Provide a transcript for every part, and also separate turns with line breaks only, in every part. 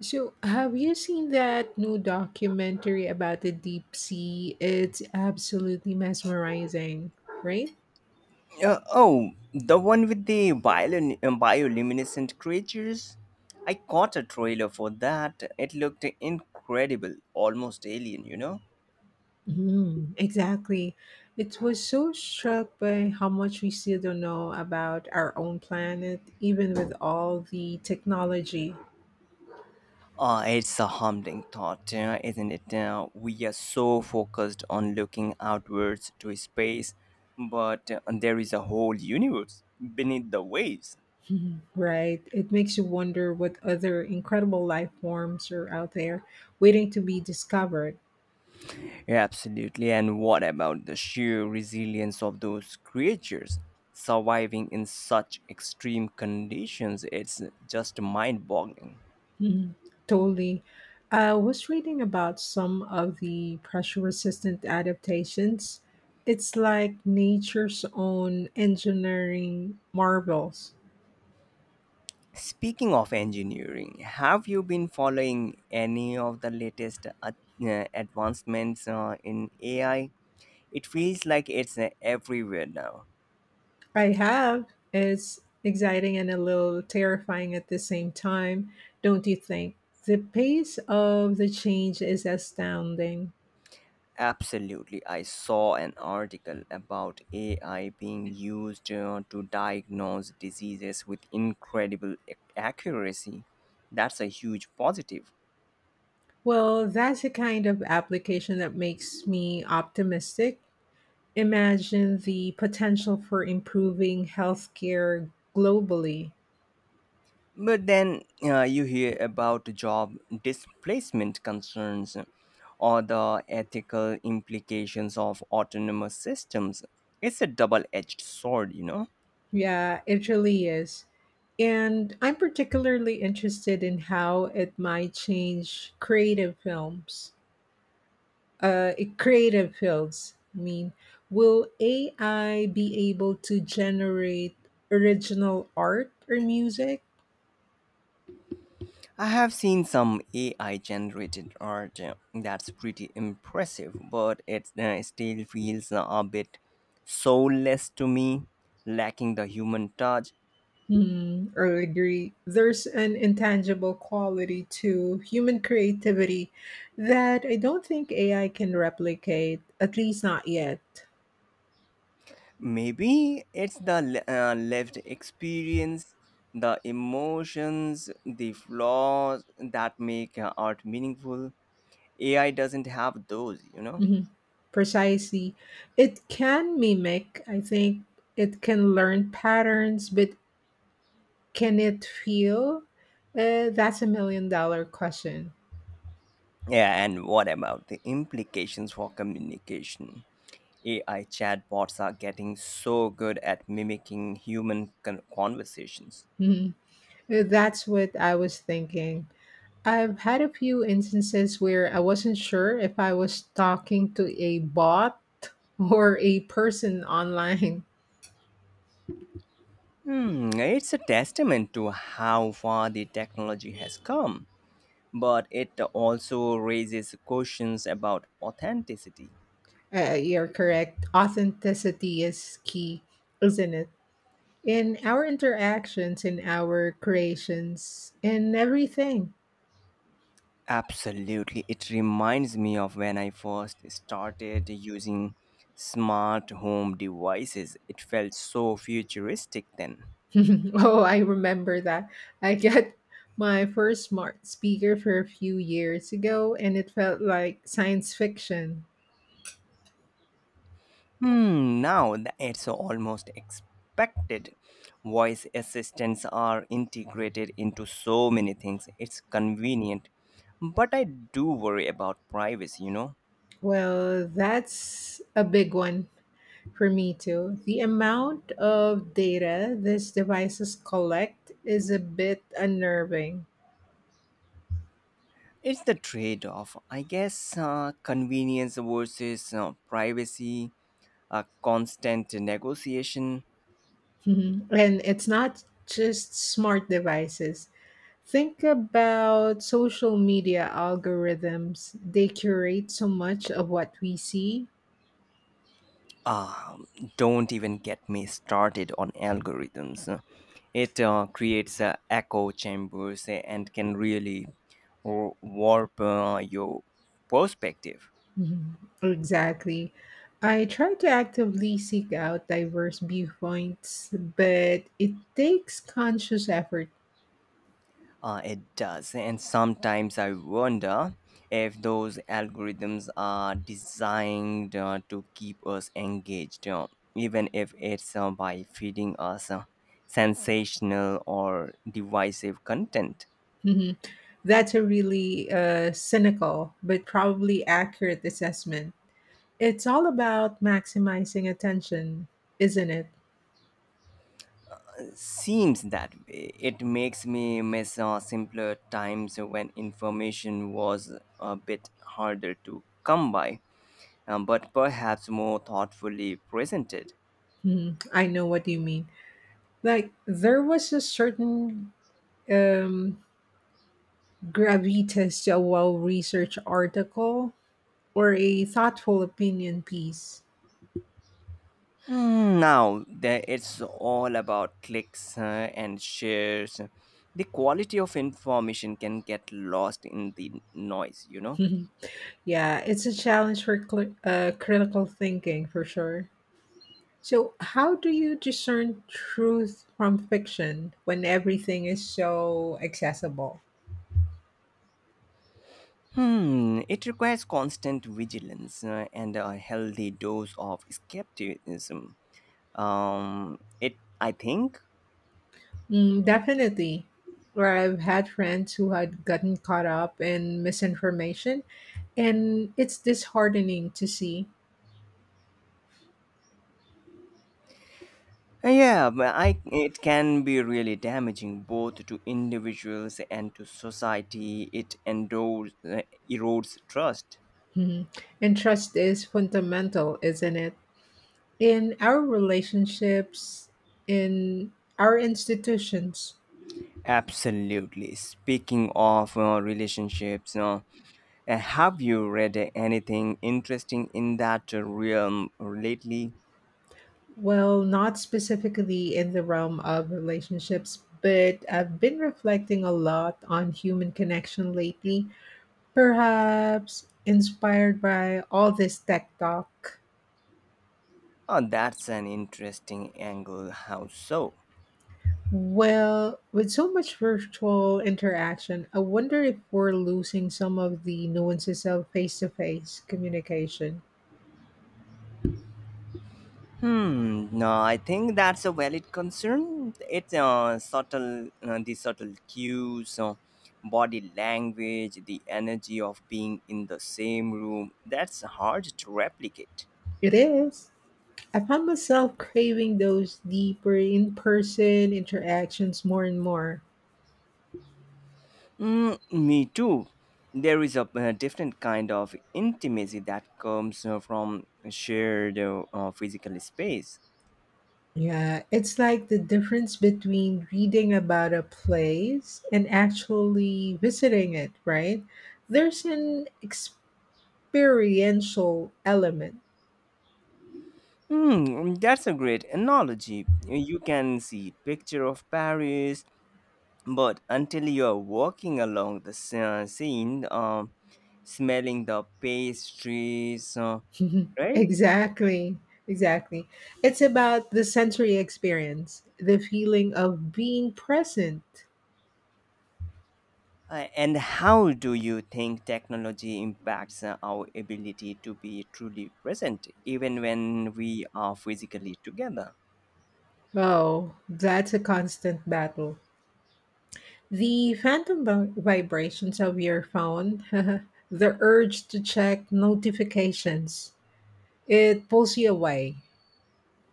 So, have you seen that new documentary about the deep sea? It's absolutely mesmerizing, right?
Oh, the one with the bioluminescent creatures? I caught a trailer for that. It looked incredible, almost alien, you know?
Mm, exactly. It was so struck by how much we still don't know about our own planet, even with all the technology.
Ah, it's a humbling thought, isn't it? We are so focused on looking outwards to space, but there is a whole universe beneath the waves.
Mhm. Right. It makes you wonder what other incredible life forms are out there waiting to be discovered.
Yeah, absolutely. And what about the sheer resilience of those creatures surviving in such extreme conditions? It's just mind boggling.
Mhm. Totally. I was reading about some of the pressure resistant adaptations. It's like nature's own engineering marvels.
Speaking of engineering, have you been following any of the latest advancements in AI? It feels like it's everywhere now.
I have. It's exciting and a little terrifying at the same time, don't you think? The pace of the change is astounding.
Absolutely. I saw an article about AI being used to diagnose diseases with incredible accuracy. That's a huge positive.
Well, that's a kind of application that makes me optimistic imagine the potential for improving healthcare globally.
But then you hear about job displacement concerns or the ethical implications of autonomous systems. It's a double edged sword, you know.
Yeah, it really is. And I'm particularly interested in how it might change creative fields. I mean, will AI be able to generate original art or music?
I have seen some AI generated art that's pretty impressive, but it still feels a bit soulless to me, lacking the human touch.
Hmm, I agree. There's an intangible quality to human creativity that I don't think AI can replicate, at least not yet.
Maybe it's the lived experience, the emotions, the flaws that make art meaningful. AI doesn't have those, you know?
Mhm. Precisely. It can mimic, I think it can learn patterns, but can it feel? That's a $1 million question.
Yeah, and what about the implications for communication? AI chatbots are getting so good at mimicking human conversations.
Mhm. That's what I was thinking. I've had a few instances where I wasn't sure if I was talking to a bot or a person online.
Hmm, it's a testament to how far the technology has come, but it also raises questions about authenticity.
You're correct. Authenticity is key, isn't it? In our interactions, in our creations, in everything.
Absolutely, it reminds me of when I first started using smart home devices. It felt so futuristic then.
Oh, I remember that. I got my first smart speaker for a few years ago, and it felt like science fiction.
Now it's almost expected. Voice assistants are integrated into so many things. It's convenient. But I do worry about privacy, you know.
Well, that's a big one. For me too, the amount of data these devices collect is a bit unnerving.
It's the trade off. I guess convenience versus privacy, a constant negotiation.
Mhm. And it's not just smart devices. Think about social media algorithms. They curate so much of what we see.
Ah, don't even get me started on algorithms. It creates echo chambers and can really warp your perspective.
Mhm. Exactly. I try to actively seek out diverse viewpoints, but it takes conscious effort.
It does. And sometimes I wonder if those algorithms are designed to keep us engaged, even if it's by feeding us sensational or divisive content.
That's a really cynical but probably accurate assessment. It's all about maximizing attention, isn't it?
Seems that way. It makes me miss simpler times when information was a bit harder to come by, but perhaps more thoughtfully presented.
Hmm, I know what you mean. Like, there was a certain um, gravitas to a well researched article or a thoughtful opinion piece.
Now it's all about clicks and shares. The quality of information can get lost in the noise, you know?
Yeah, it's a challenge for critical thinking for sure. So, how do you discern truth from fiction when everything is so accessible?
Hmm, it requires constant vigilance and a healthy dose of skepticism. Um it I think
Mm, definitely. Where I've had friends who had gotten caught up in misinformation, and it's disheartening to see.
Yeah but I it can be really damaging both to individuals and to society. It erodes trust.
Mhm. And trust is fundamental, isn't it? In our relationships, in our institutions.
Absolutely. Speaking of relationships, have you read anything interesting in that realm lately?
Well, not specifically in the realm of relationships, but I've been reflecting a lot on human connection lately, perhaps inspired by all this tech talk.
Oh, that's an interesting angle. How so?
Well, with so much virtual interaction, I wonder if we're losing some of the nuances of face to face communication.
Hmm. No, I think that's a valid concern. The subtle cues, body language, the energy of being in the same room. That's hard to replicate.
It is. I found myself craving those deeper in person interactions more and more.
Mm, me too. There is a different kind of intimacy that comes from shared physical space.
Yeah, it's like the difference between reading about a place and actually visiting it, right? There's an experiential element.
Mm, that's a great analogy. You can see picture of Paris, but until you are walking along the scene, smelling the pastries, right?
Exactly. Exactly. It's about the sensory experience, the feeling of being present.
And how do you think technology impacts our ability to be truly present, even when we are physically together?
Oh, that's a constant battle. The phantom vibrations of your phone, the urge to check notifications, it pulls you away.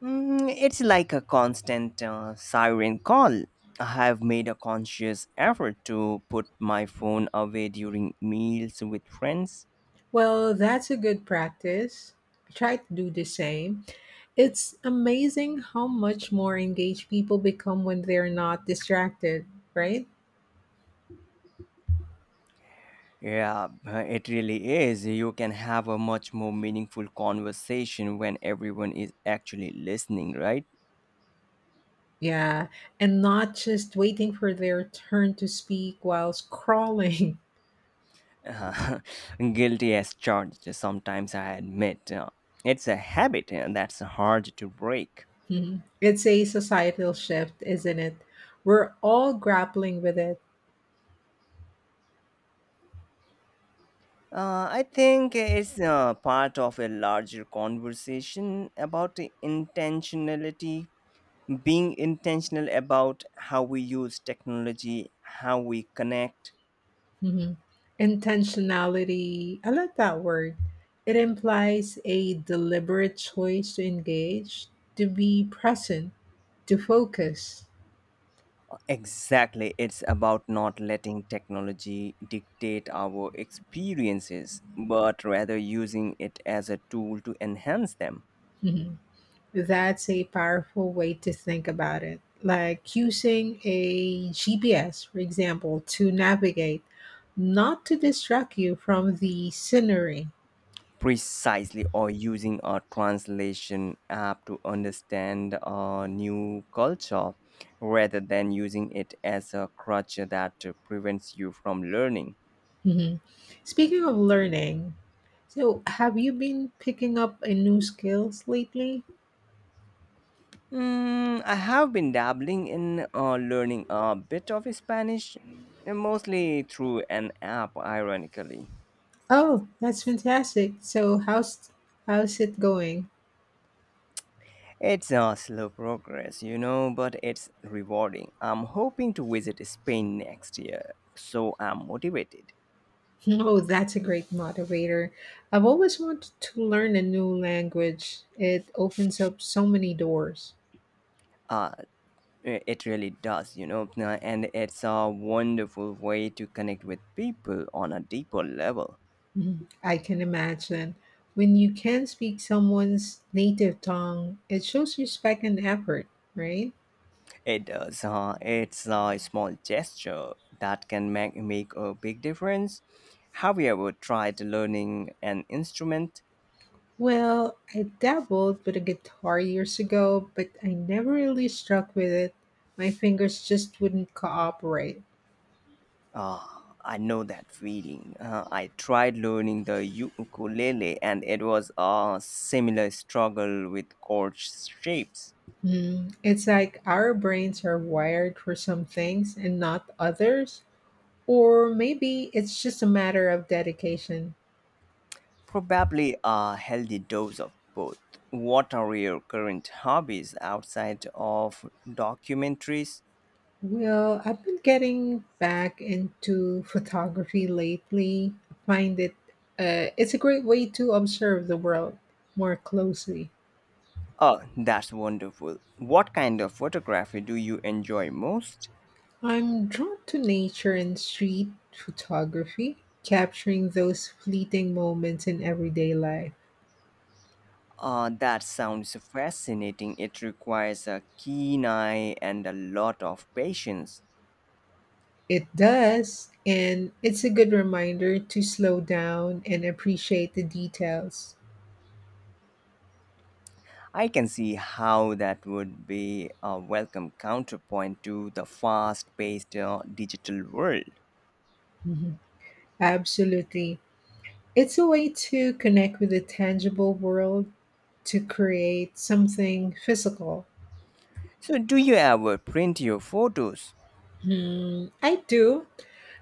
Mm, it's like a constant siren call. I have made a conscious effort to put my phone away during meals with friends.
Well, that's a good practice. Try to do the same. It's amazing how much more engaged people become when they're not distracted, right?
Yeah, it really is. You can have a much more meaningful conversation when everyone is actually listening, right?
Yeah, and not just waiting for their turn to speak while scrolling.
Uh, guilty as charged, sometimes I admit. It's a habit that's hard to break.
Mhm. It's a societal shift, isn't it? We're all grappling with it.
I think it's part of a larger conversation about the intentionality, being intentional about how we use technology, how we connect.
Mhm. Intentionality, I like that word. It implies a deliberate choice to engage, to be present, to focus.
Exactly. It's about not letting technology dictate our experiences, but rather using it as a tool to enhance them.
Mhm. That's a powerful way to think about it. Like using a GPS, for example, to navigate, not to distract you from the scenery.
Precisely, or using a translation app to understand a new culture rather than using it as a crutch that prevents you from learning.
Mhm. Speaking of learning, so have you been picking up a new skills lately?
Mm, I have been dabbling in learning a bit of Spanish, mostly through an app, ironically.
Oh, that's fantastic. So how's it going?
It's a slow progress, you know, but it's rewarding. I'm hoping to visit Spain next year, so I'm motivated.
Oh, that's a great motivator. I've always wanted to learn a new language. It opens up so many doors.
Uh, it really does, you know, and it's a wonderful way to connect with people on a deeper level.
Mhm. I can imagine. When you can speak someone's native tongue, it shows respect and effort, right?
It does. It's a small gesture that can make a big difference. Have you ever tried learning an instrument?
Well, I dabbled with a guitar years ago, but I never really struck with it. My fingers just wouldn't cooperate.
Ah, I know that feeling. I tried learning the ukulele, and it was a similar struggle with chord shapes.
Mm, it's like our brains are wired for some things and not others. Or maybe it's just a matter of dedication.
Probably a healthy dose of both. What are your current hobbies outside of documentaries?
Well, I've been getting back into photography lately. I find it it's a great way to observe the world more closely.
Oh, that's wonderful. What kind of photography do you enjoy most?
I'm drawn to nature and street photography, capturing those fleeting moments in everyday life.
That sounds fascinating. It requires a keen eye and a lot of patience.
It does, and it's a good reminder to slow down and appreciate the details.
I can see how that would be a welcome counterpoint to the fast paced digital world.
Mhm. Absolutely. It's a way to connect with the tangible world to create something physical.
So, do you ever print your photos?
Hmm, I do.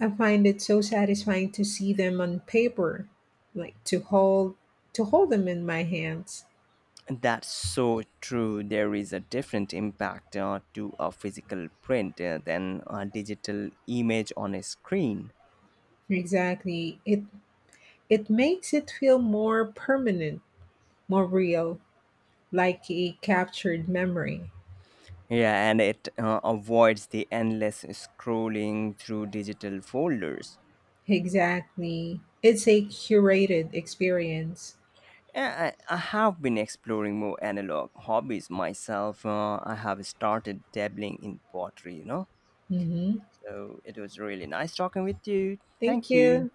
I find it so satisfying to see them on paper, like to hold them in my hands.
That's so true. There is a different impact to a physical print than a digital image on a screen.
Exactly. It makes it feel more permanent, more real, like a captured memory.
Yeah, and it avoids the endless scrolling through digital folders.
Exactly. It's a curated experience.
Yeah, I have been exploring more analog hobbies myself. I have started dabbling in pottery, you know.
Mhm.
So it was really nice talking with you.
Thank
Thank you.
you.